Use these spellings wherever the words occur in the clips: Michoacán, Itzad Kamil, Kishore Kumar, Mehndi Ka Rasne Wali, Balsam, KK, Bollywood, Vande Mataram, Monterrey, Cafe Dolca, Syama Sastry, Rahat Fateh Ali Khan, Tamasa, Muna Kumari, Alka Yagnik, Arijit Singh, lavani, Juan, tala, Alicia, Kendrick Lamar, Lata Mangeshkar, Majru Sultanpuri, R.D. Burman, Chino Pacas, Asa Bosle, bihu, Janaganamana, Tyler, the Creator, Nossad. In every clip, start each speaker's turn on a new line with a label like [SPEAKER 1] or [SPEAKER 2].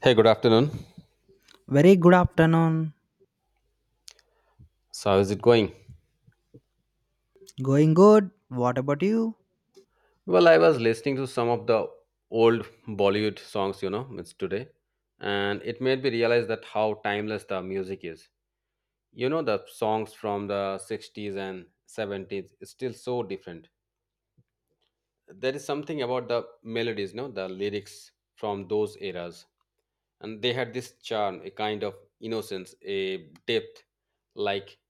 [SPEAKER 1] Hey, good afternoon.
[SPEAKER 2] Very good afternoon.
[SPEAKER 1] So, how is it going?
[SPEAKER 2] Going good. What about you?
[SPEAKER 1] Well, I was listening to some of the old Bollywood songs, you know, it's today, and it made me realize that how timeless the music is. You know, the songs from the 60s and 70s is still so different. There is something about the melodies, no, the lyrics from those eras, and they had this charm, a kind of innocence, a depth, like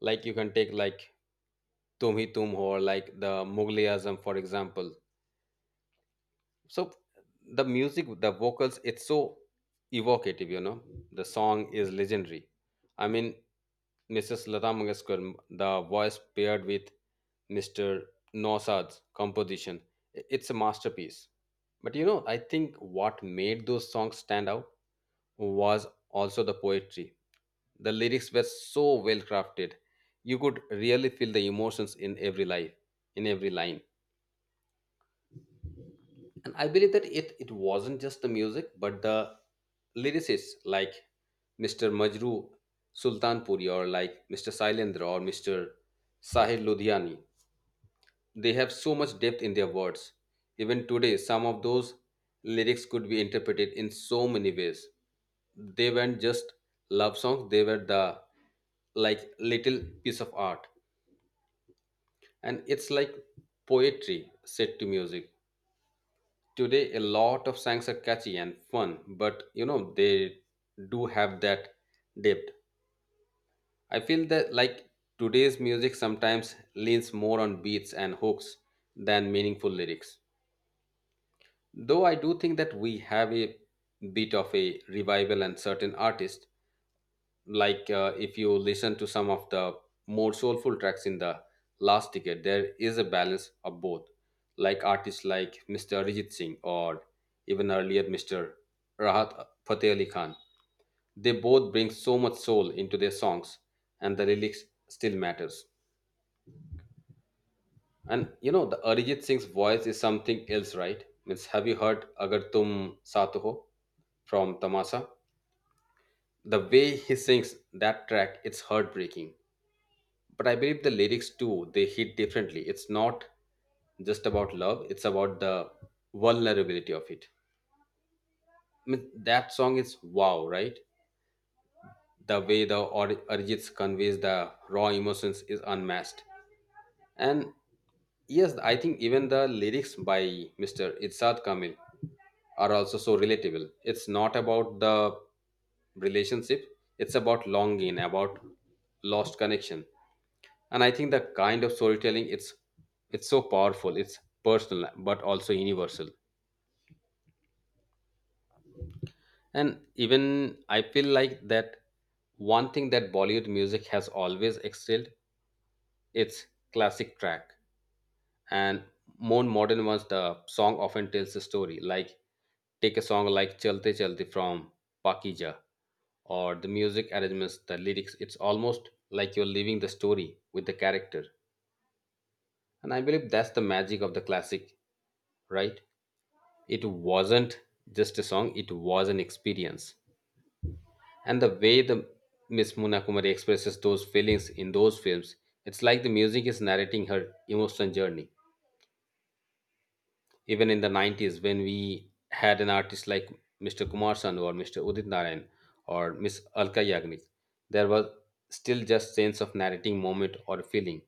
[SPEAKER 1] you can take like Tum Hi Tum Ho, or like the Mughalism, for example. So the music, the vocals, it's so evocative, you know, the song is legendary. i mean Mrs. Lata Mangeshkar, the voice paired with Mr. Nossad's composition, it's a masterpiece. But you know, I think what made those songs stand out was also the poetry. The lyrics were so well crafted. You could really feel the emotions in every life, in every line. And I believe that it wasn't just the music, but the lyricists like Mr. Majru Sultanpuri, or like Mr. Sailendra, or Mr. Sahil Ludhiani. They have so much depth in their words. Even today, some of those lyrics could be interpreted in so many ways. They weren't just love songs, they were the like little piece of art. And it's like poetry set to music. Today, a lot of songs are catchy and fun, but you know, they do have that depth. I feel that like today's music sometimes leans more on beats and hooks than meaningful lyrics. Though I do think that we have a bit of a revival and certain artists, like if you listen to some of the more soulful tracks in the last decade, there is a balance of both. Like artists like Mr. Arijit Singh, or even earlier Mr. Rahat Fateh Ali Khan, they both bring so much soul into their songs, and the lyrics still matters. And you know, the Arijit Singh's voice is something else, right? Means, have you heard Agar Tum Saath Ho from Tamasa? The way he sings that track, it's heartbreaking. But I believe the lyrics too, they hit differently. It's not just about love, it's about the vulnerability of it. I mean, that song is wow, right? The way the Arijit conveys the raw emotions is unmatched. And yes, I think even the lyrics by Mr. Itzad Kamil are also so relatable. It's not about the relationship, it's about longing, about lost connection. And I think the kind of storytelling, it's so powerful, it's personal but also universal. And even I feel like that one thing that Bollywood music has always excelled, it's classic track and more modern ones. The song often tells the story. Like take a song like Chalte Chalte from Pakija, or the music arrangements, the lyrics, it's almost like you're living the story with the character. And I believe that's the magic of the classic, right? It wasn't just a song, it was an experience. And the way the Miss Muna Kumari expresses those feelings in those films, it's like the music is narrating her emotional journey. Even in the 90s, when we had an artist like Mr. Kumar Sanu, or Mr. Udit Narayan, or Miss Alka Yagnik, there was still just sense of narrating moment or feeling.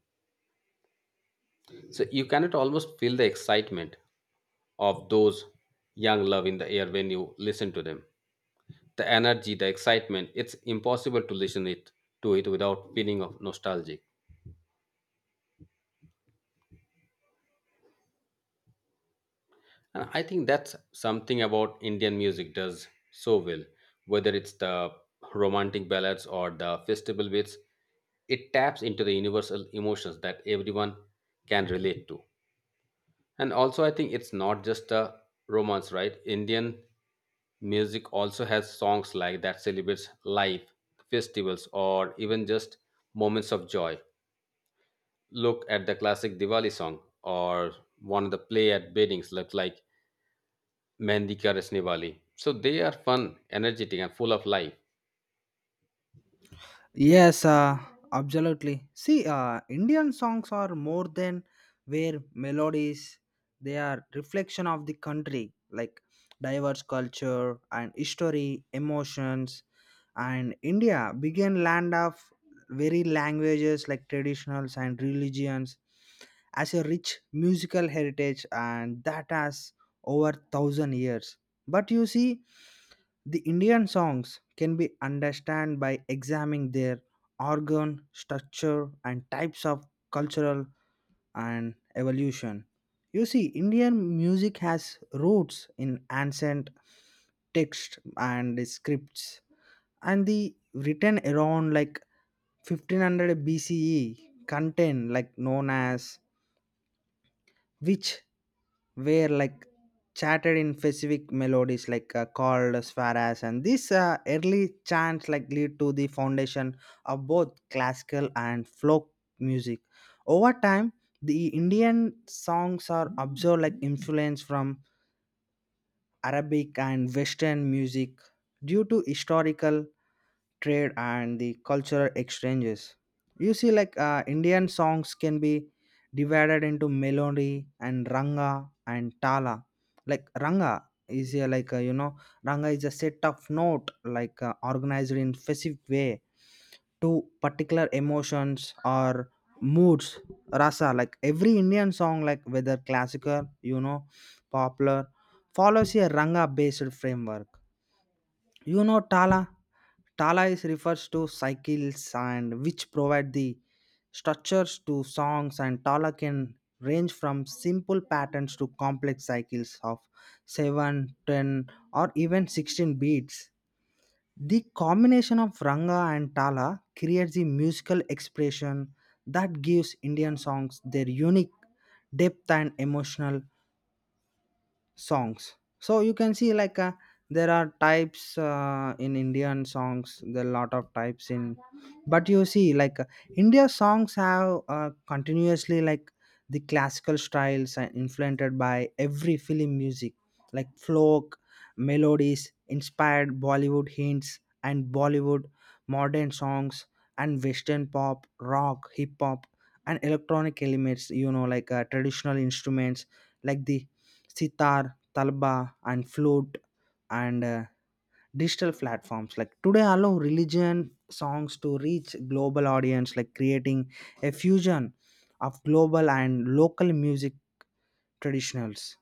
[SPEAKER 1] So you cannot almost feel the excitement of those young love in the air when you listen to them. The energy, the excitement, it's impossible to listen it to it without feeling of nostalgia. And I think that's something about Indian music does so well, whether it's the romantic ballads or the festival bits, it taps into the universal emotions that everyone can relate to. And also, I think it's not just a romance, right? Indian music also has songs like that celebrates life, festivals, or even just moments of joy. Look at the classic Diwali song, or one of the play at weddings, like, Mehndi Ka Rasne Wali. So they are fun, energetic, and full of life.
[SPEAKER 2] Yes, absolutely. See, Indian songs are more than mere melodies. They are reflection of the country, like diverse culture and history, emotions. And India began land of very languages like traditionals and religions as a rich musical heritage and that has over 1,000 years. But you see, the Indian songs can be understood by examining their organ, structure, and types of cultural and evolution. You see, Indian music has roots in ancient text and scripts, and the written around like 1500 BCE content, like known as which were like chatted in specific melodies like called swaras, and this early chants like lead to the foundation of both classical and folk music. Over time, the Indian songs are observed like influence from Arabic and Western music due to historical trade and the cultural exchanges. You see, like Indian songs can be divided into melody and ranga and tala. Like ranga is a, like you know, ranga is a set of note like organized in specific way to particular emotions or moods rasa, like every Indian song, like whether classical, you know, popular, follows a ranga based framework. You know, tala, tala is refers to cycles and which provide the structures to songs, and tala can range from simple patterns to complex cycles of 7, 10, or even 16 beats. The combination of ranga and tala creates the musical expression that gives Indian songs their unique depth and emotional songs. So you can see like there are types in Indian songs, there are a lot of types in, but you see like India songs have continuously like the classical styles are influenced by every film music, like folk melodies inspired Bollywood hints and Bollywood modern songs and Western pop, rock, hip hop, and electronic elements. You know, like traditional instruments like the sitar, talba, and flute, and digital platforms like today allow religion songs to reach global audience, like creating a fusion of global and local music traditionals.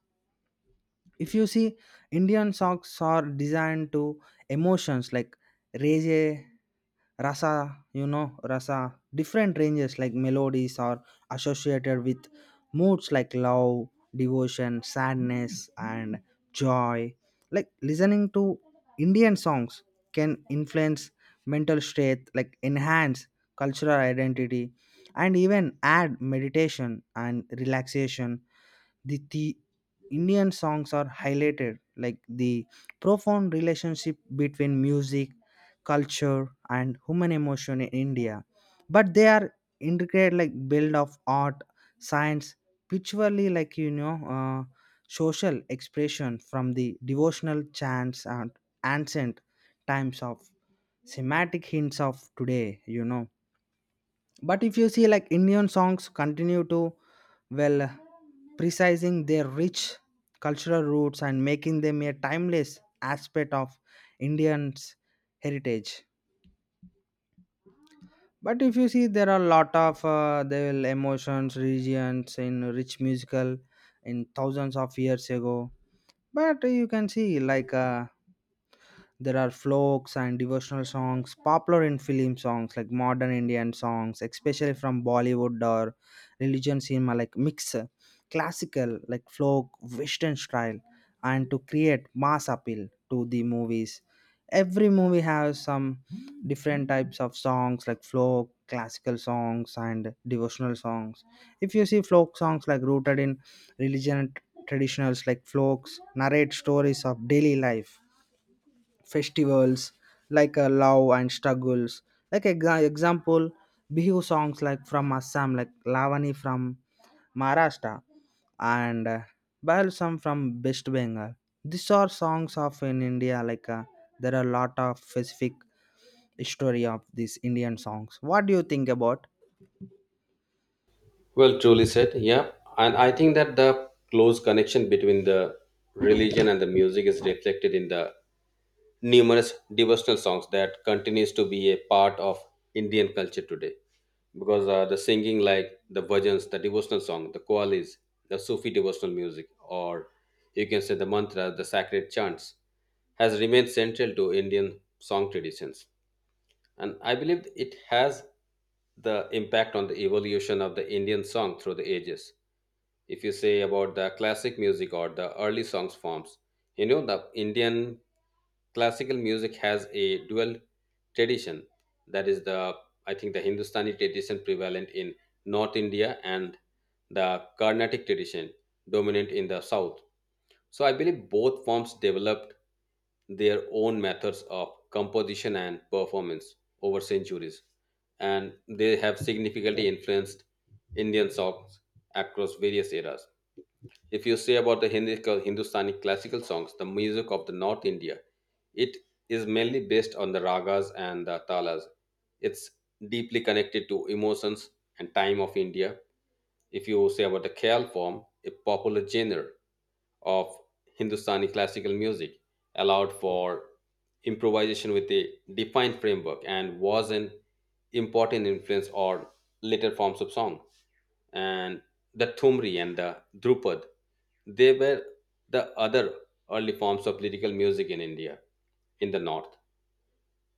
[SPEAKER 2] If you see, Indian songs are designed to emotions like rage rasa, you know, rasa different ranges, like melodies are associated with moods like love, devotion, sadness, and joy. Like listening to Indian songs can influence mental state, like enhance cultural identity and even add meditation and relaxation. The Indian songs are highlighted like the profound relationship between music, culture, and human emotion in India. But they are integrated like build of art, science, picturally, like you know social expression from the devotional chants and ancient times of semantic hints of today. You know, but if you see like Indian songs continue to, well, precising their rich cultural roots and making them a timeless aspect of Indians heritage. But if you see there are a lot of the emotions regions in rich musical in thousands of years ago. But you can see like there are folks and devotional songs popular in film songs, like modern Indian songs, especially from Bollywood or religion cinema, like mix classical, like folk, Western style, and to create mass appeal to the movies. Every movie has some different types of songs like folk, classical songs, and devotional songs. If you see folk songs like rooted in religion and traditionals, like folks narrate stories of daily life, festivals, like love and struggles, like example bihu songs like from Assam, like lavani from Maharashtra and Balsam from West Bengal. These are songs of in India. Like there are a lot of specific history of these Indian songs. What do you think about?
[SPEAKER 1] Well, truly said. Yeah. And I think that the close connection between the religion and the music is reflected in the numerous devotional songs that continues to be a part of Indian culture today. Because the singing like the bhajans, the devotional song, the qawlis, the Sufi devotional music, or you can say the mantra, the sacred chants, has remained central to Indian song traditions. And I believe it has the impact on the evolution of the Indian song through the ages. If you say about the classic music or the early songs forms, you know, the Indian classical music has a dual tradition, that is, the I think, the Hindustani tradition prevalent in North India, and the Carnatic tradition dominant in the South. So I believe both forms developed their own methods of composition and performance over centuries, and they have significantly influenced Indian songs across various eras. If you say about the Hindustani classical songs, the music of the North India, it is mainly based on the ragas and the talas. It's deeply connected to emotions and time of India. If you say about the Khyal form, a popular genre of Hindustani classical music, allowed for improvisation with a defined framework and was an important influence on later forms of song. And the Thumri and the Drupad, they were the other early forms of lyrical music in India in the north.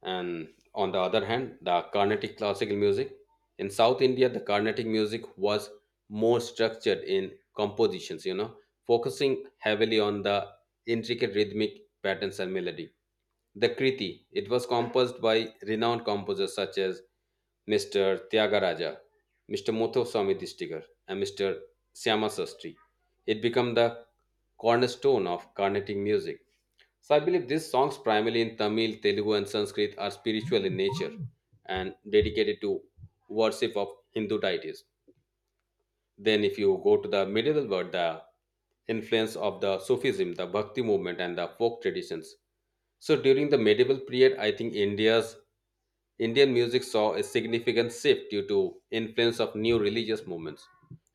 [SPEAKER 1] And on the other hand, the Carnatic classical music. In South India, the Carnatic music was more structured in compositions, you know, focusing heavily on the intricate rhythmic patterns and melody. The Kriti, it was composed by renowned composers such as Mr. Tyagaraja, Mr. Muthuswamy Distigar, and Mr. Syama Sastry. It became the cornerstone of Carnatic music. So I believe these songs, primarily in Tamil, Telugu, and Sanskrit, are spiritual in nature and dedicated to worship of Hindu deities. Then, if you go to the medieval world, the influence of the Sufism, the Bhakti movement, and the folk traditions. So during the medieval period, I think India's Indian music saw a significant shift due to influence of new religious movements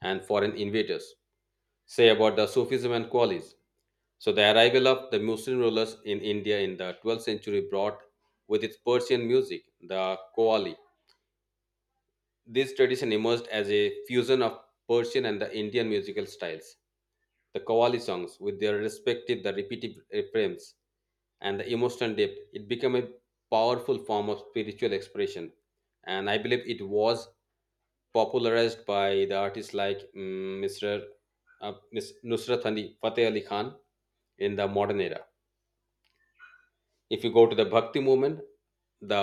[SPEAKER 1] and foreign invaders. Say about the Sufism and Qalis. So the arrival of the Muslim rulers in India in the 12th century brought with its Persian music the Qawwali. This tradition emerged as a fusion of Persian and the Indian musical styles. The Qawwali songs, with their respective the repetitive refrains and the emotional depth, it became a powerful form of spiritual expression. And I believe it was popularized by the artists like mm, Mr. Uh, Miss Nusrat Ali Fateh Ali Khan in the modern era. If you go to the Bhakti movement, the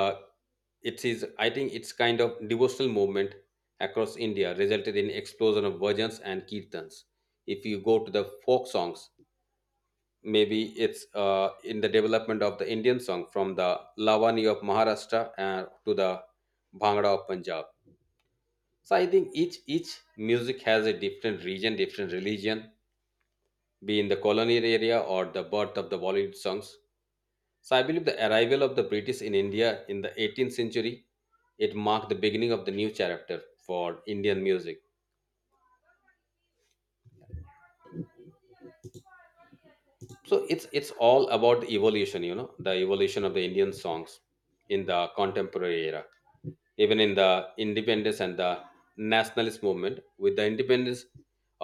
[SPEAKER 1] it is, I think, it's kind of devotional movement across India, resulted in explosion of bhajans and kirtans. If you go to the folk songs, maybe it's in the development of the Indian song from the Lavani of Maharashtra to the Bhangra of Punjab. So I think each music has a different region, different religion, be in the colonial area or the birth of the Bollywood songs. So I believe the arrival of the British in India in the 18th century, it marked the beginning of the new chapter for Indian music. So it's all about the evolution, you know, the evolution of the Indian songs in the contemporary era. Even in the independence and the nationalist movement. With the independence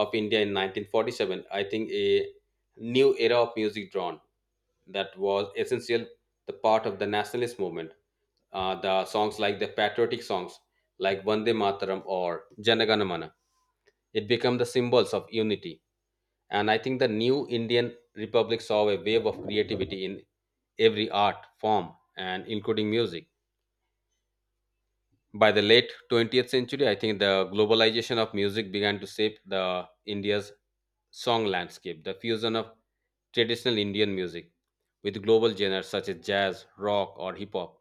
[SPEAKER 1] of India in 1947, I think a new era of music drawn that was essential the part of the nationalist movement. The songs like the patriotic songs like Vande Mataram or Janaganamana, it became the symbols of unity. And I think the new Indian Republic saw a wave of creativity in every art form and including music. By the late 20th century, I think the globalization of music began to shape the India's song landscape. The fusion of traditional Indian music with global genres such as jazz, rock, or hip hop.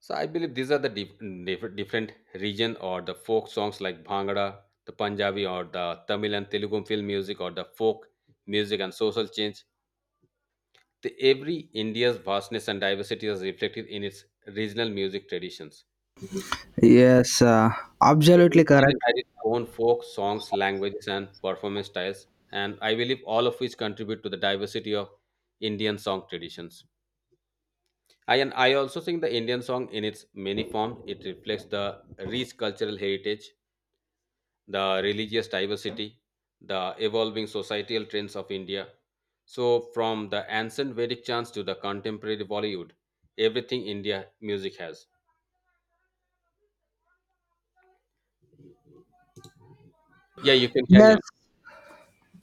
[SPEAKER 1] So I believe these are the different region or the folk songs like Bhangra, the Punjabi, or the Tamil and Telugu film music, or the folk music and social change. The every India's vastness and diversity is reflected in its regional music traditions.
[SPEAKER 2] Yes,
[SPEAKER 1] So each
[SPEAKER 2] absolutely
[SPEAKER 1] region
[SPEAKER 2] correct.
[SPEAKER 1] has its own folk songs, languages, and performance styles, and I believe all of which contribute to the diversity of Indian song traditions. I, and I also think the Indian song in its many forms, it reflects the rich cultural heritage, the religious diversity, the evolving societal trends of India. So from the ancient Vedic chants to the contemporary Bollywood, everything India music has. Yeah, you can carry
[SPEAKER 2] Yes,
[SPEAKER 1] on.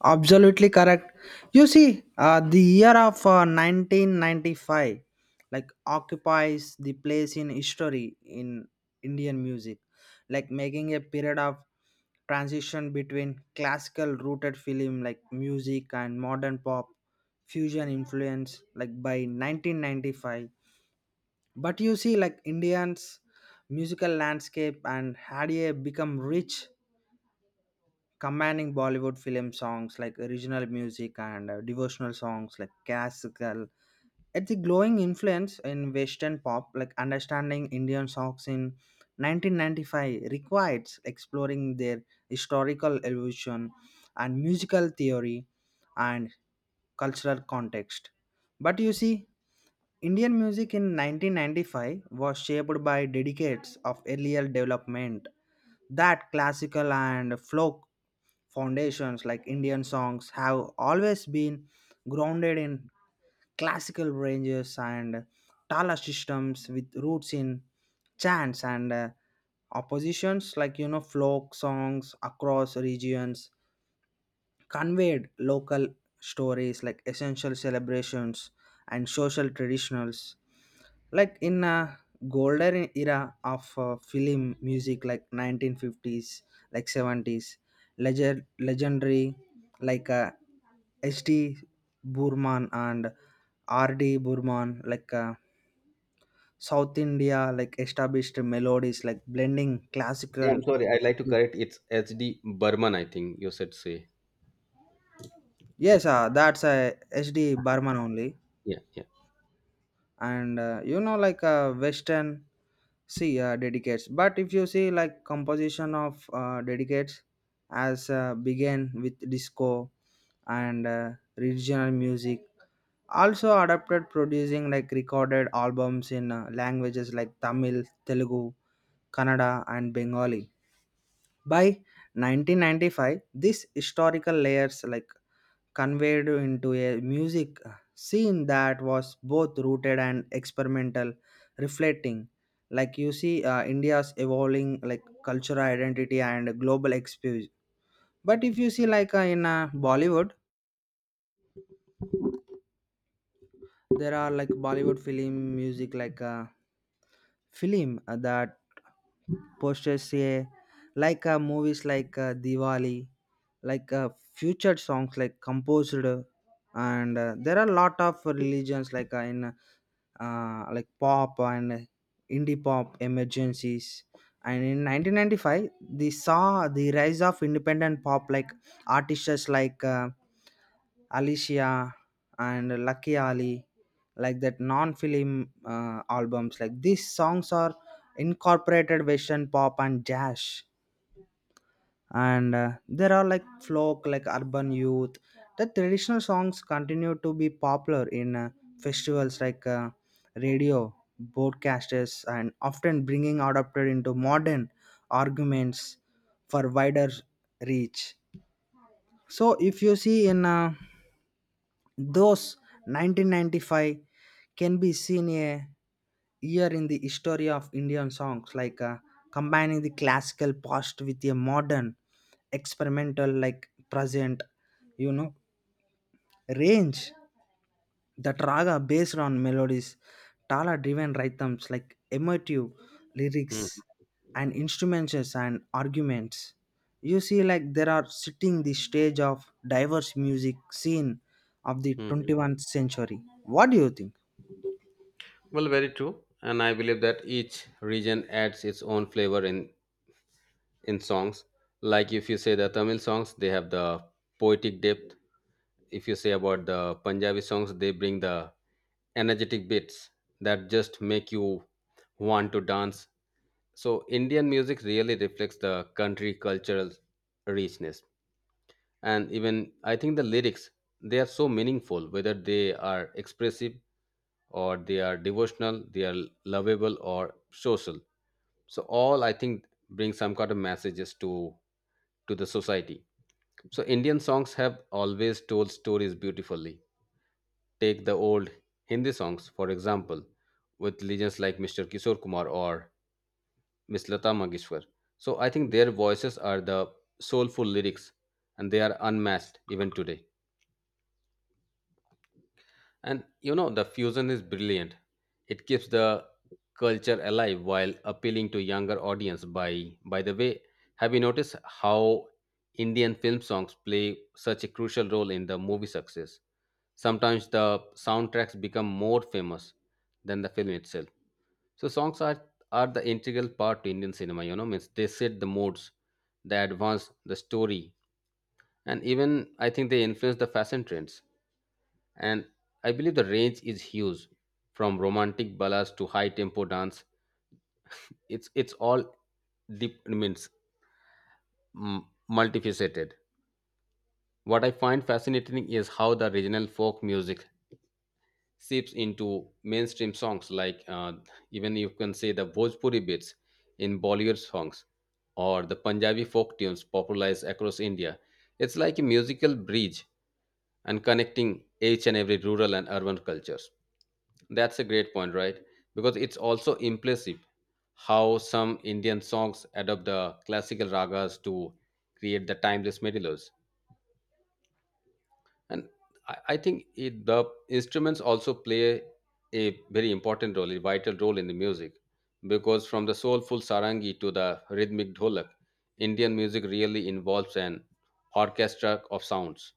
[SPEAKER 2] absolutely correct. You see, the year of 1995 like occupies the place in history in Indian music, like making a period of transition between classical rooted film like music and modern pop fusion influence like by 1995. But you see, like Indians musical landscape and had a become rich commanding Bollywood film songs like original music and devotional songs like classical. It's a glowing influence in Western pop, like understanding Indian songs in 1995 requires exploring their historical evolution and musical theory and cultural context. But you see, Indian music in 1995 was shaped by decades of earlier development, that classical and folk foundations like Indian songs have always been grounded in classical ranges and tala systems with roots in chants and oppositions, like you know folk songs across regions conveyed local stories like essential celebrations and social traditionals, like in a golden era of film music like 1950s, like 70s, legend legendary, like ST Burman and RD Burman, like South India, like established melodies like blending
[SPEAKER 1] Yeah, I'm
[SPEAKER 2] classical.
[SPEAKER 1] sorry. I'd like to correct. It's H.D. Burman, I think you said say.
[SPEAKER 2] Yes, that's a SD Burman only.
[SPEAKER 1] Yeah, yeah.
[SPEAKER 2] And you know, like Western, see dedicates, but if you see like composition of dedicates as began with disco and regional music also adapted, producing like recorded albums in languages like Tamil, Telugu, Kannada, and Bengali. By 1995, these historical layers like conveyed into a music scene that was both rooted and experimental, reflecting like, you see, India's evolving like cultural identity and global experience. But if you see like in Bollywood, there are like Bollywood film music like film that posters a, like movies like Diwali, like featured songs like composed and there are a lot of religions like in like pop and indie pop emergencies. And in 1995, they saw the rise of independent pop like artists like Alicia and Lucky Ali, like that non-film albums. Like these songs are incorporated Western pop and jazz, and there are like folk like urban youth, the traditional songs continue to be popular in festivals like radio broadcasters, and often bringing adapted into modern arguments for wider reach. So if you see in those 1995 can be seen a year in the history of Indian songs, like combining the classical past with a modern experimental, like present, you know, range. That raga based on melodies, tala driven rhythms, like emotive
[SPEAKER 1] Mm-hmm.
[SPEAKER 2] lyrics and instruments and arguments. You see, like there are sitting the stage of diverse music scene of the
[SPEAKER 1] Mm-hmm.
[SPEAKER 2] 21st century. What do you think?
[SPEAKER 1] Well, very true. And I believe that each region adds its own flavor in songs. Like if you say the Tamil songs, they have the poetic depth. If you say about the Punjabi songs, they bring the energetic beats that just make you want to dance. So Indian music really reflects the country cultural richness. And even I think the lyrics, they are so meaningful, whether they are expressive or they are devotional, they are lovable or social. So all I think bring some kind of messages to the society. So Indian songs have always told stories beautifully. Take the old Hindi songs, for example, with legends like Mr. Kishore Kumar or Miss Lata Mangeshkar. So I think their voices are the soulful lyrics, and they are unmatched even today. And the fusion is brilliant. It keeps the culture alive while appealing to younger audience. By the way, have you noticed how Indian film songs play such a crucial role in the movie success? Sometimes the soundtracks become more famous than the film itself. So songs are the integral part to Indian cinema, means they set the moods, they advance the story, and even I think they influence the fashion trends. And I believe the range is huge, from romantic ballads to high tempo dance. It's all deep, I means multifaceted. What I find fascinating is how the regional folk music seeps into mainstream songs, like even you can say the Bhojpuri beats in Bollywood songs, or the Punjabi folk tunes popularized across India. It's like a musical bridge and connecting each and every rural and urban cultures. That's a great point, right? Because it's also impressive how some Indian songs adopt the classical ragas to create the timeless melodies. And I the instruments also play a very important role, a vital role in the music. Because from the soulful sarangi to the rhythmic dholak, Indian music really involves an orchestra of sounds.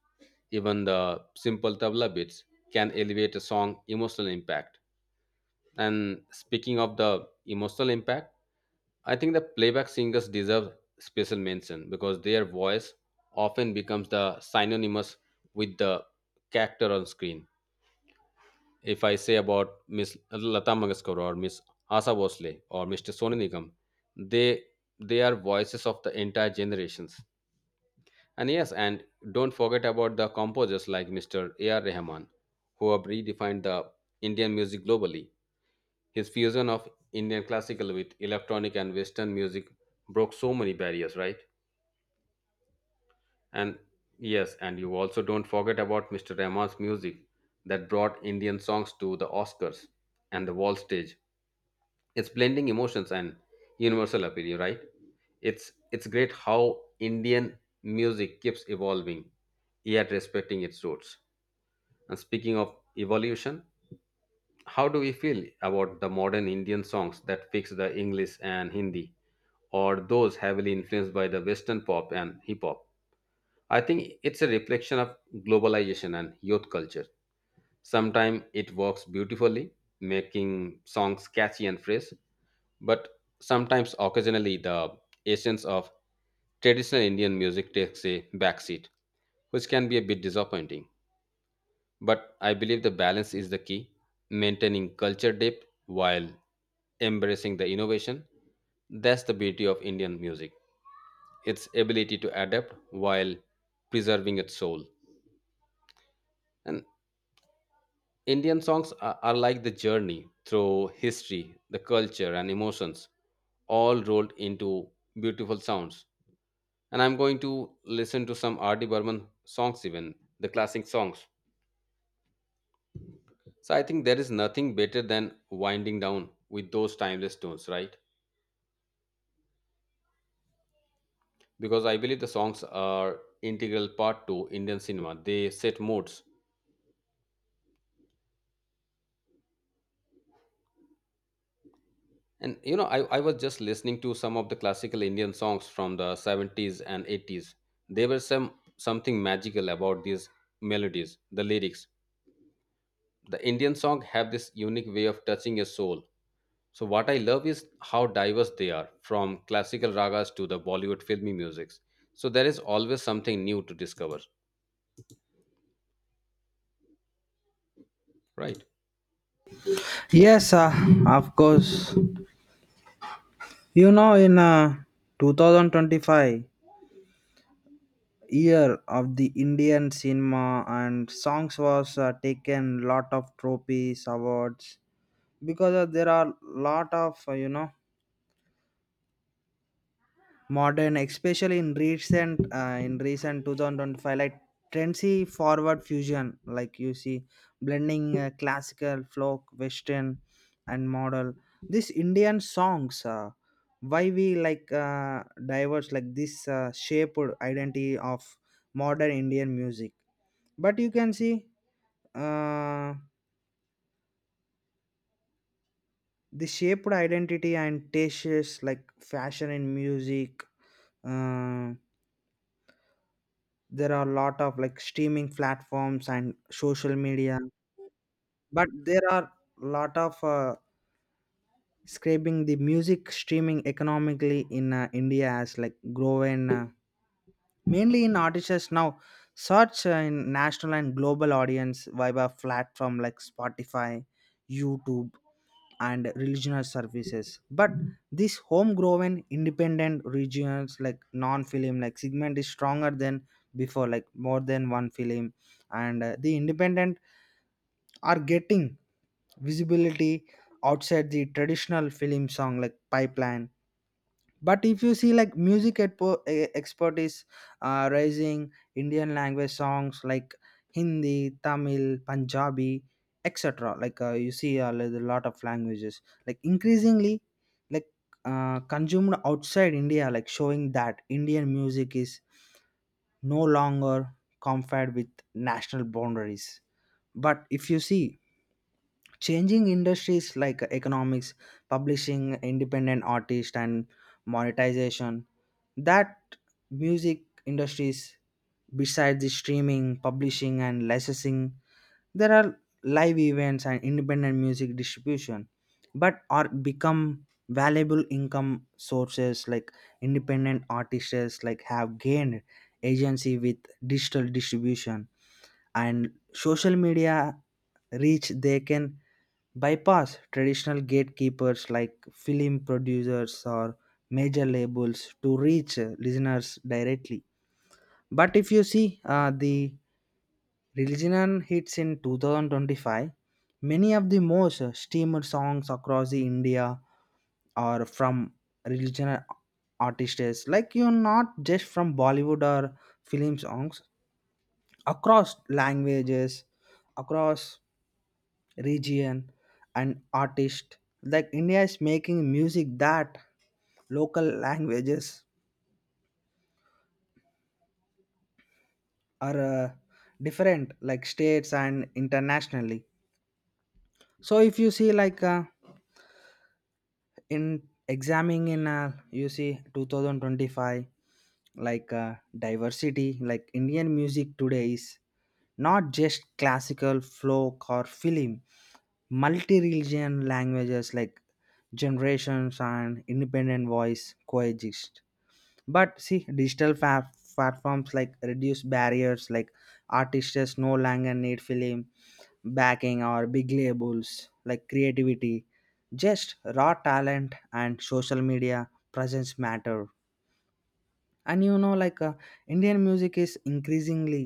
[SPEAKER 1] Even the simple tabla beats can elevate a song emotional impact. And speaking of the emotional impact, I think the playback singers deserve special mention because their voice often becomes the synonymous with the character on screen. If I say about Miss Lata Mangeshkar or Miss Asa Bosle or Mr. Sonu Nigam, they they are voices of the entire generations. And yes, and don't forget about the composers like Mr. A.R. Rahman, who have redefined the Indian music globally. His fusion of Indian classical with electronic and Western music broke so many barriers, right? And yes, and you also don't forget about Mr. Rahman's music that brought Indian songs to the Oscars and the world stage. It's blending emotions and universal appeal, right? It's great how Indian music keeps evolving, yet respecting its roots. And speaking of evolution, how do we feel about the modern Indian songs that fix the English and Hindi, or those heavily influenced by the Western pop and hip hop? I think it's a reflection of globalization and youth culture. Sometimes it works beautifully, making songs catchy and fresh, but sometimes occasionally the essence of traditional Indian music takes a backseat, which can be a bit disappointing. But I believe the balance is the key, maintaining culture depth while embracing the innovation. That's the beauty of Indian music, its ability to adapt while preserving its soul. And Indian songs are like the journey through history, the culture, and emotions, all rolled into beautiful sounds. And I'm going to listen to some R.D. Burman songs, even the classic songs. So I think there is nothing better than winding down with those timeless tunes, right? Because I believe the songs are integral part to Indian cinema. They set moods. And I was just listening to some of the classical Indian songs from the 70s and 80s. There were something magical about these melodies, the lyrics. The Indian song have this unique way of touching your soul. So what I love is how diverse they are, from classical ragas to the Bollywood filmy musics. So there is always something new to discover, right?
[SPEAKER 2] Yes, of course. You know, in 2025 year of the Indian cinema and songs was taken lot of trophies, awards, because there are lot of you know modern, especially in recent 2025, like trendy forward fusion, like you see blending classical, folk, Western, and model, this Indian songs, why we like diverse, like this shaped identity of modern Indian music. But you can see uh, the shaped identity and tastes like fashion in music. uh, there are a lot of like streaming platforms and social media, but there are a lot of scraping the music streaming economically in India, as like growing mainly in artists now search in national and global audience via platform like Spotify, YouTube, and regional services. But this homegrown independent regions like non-film like segment is stronger than before, like more than one film, and the independent are getting visibility outside the traditional film song like pipeline. But if you see like music export is raising Indian language songs like Hindi, Tamil, Punjabi, etc., like you see a lot of languages like increasingly like consumed outside India, like showing that Indian music is no longer confined with national boundaries. But if you see changing industries, like economics, publishing, independent artist, and monetization, that music industries, besides the streaming publishing and licensing, there are live events and independent music distribution, but are become valuable income sources. Like independent artists like have gained agency with digital distribution and social media reach, they can bypass traditional gatekeepers like film producers or major labels to reach listeners directly. But if you see the religion hits in 2025, many of the most streamed songs across the India are from religion artists like you, not just from Bollywood or film songs across languages across region and artist, like India is making music that local languages are different like states and internationally. So if you see like in examining in you see 2025, like diversity like Indian music today is not just classical, folk, or film multi-religion languages like generations and independent voice coexist. But see, digital platforms like reduce barriers, like artists no longer need film backing or big labels like creativity, just raw talent and social media presence matter. And you know, like Indian music is increasingly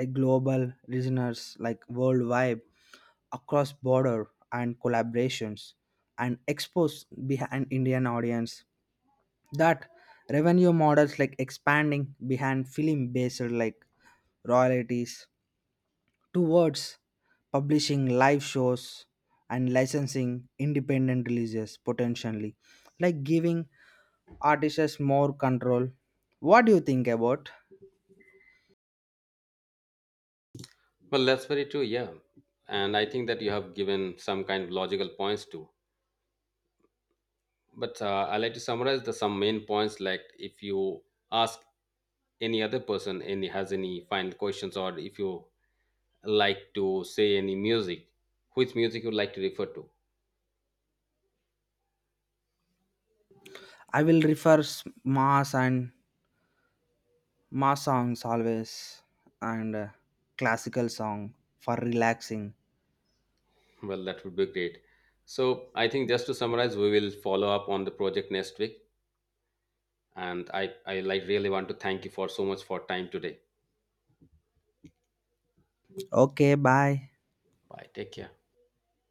[SPEAKER 2] like global listeners like worldwide, across border and collaborations, and expose behind Indian audience. That revenue models like expanding behind film based, like royalties towards publishing, live shows, and licensing independent releases, potentially like giving artists more control. What do you think about?
[SPEAKER 1] Well, that's very true, yeah. And I think that you have given some kind of logical points too. But I like to summarize the some main points. Like if you ask any other person any has any final questions, or if you like to say any music, which music you like to refer to?
[SPEAKER 2] I will refer mass and mass songs always, and classical song for relaxing.
[SPEAKER 1] Well, that would be great. So I think just to summarize, we will follow up on the project next week. And I like really want to thank you for so much for time today.
[SPEAKER 2] Okay, bye.
[SPEAKER 1] Bye. Take care.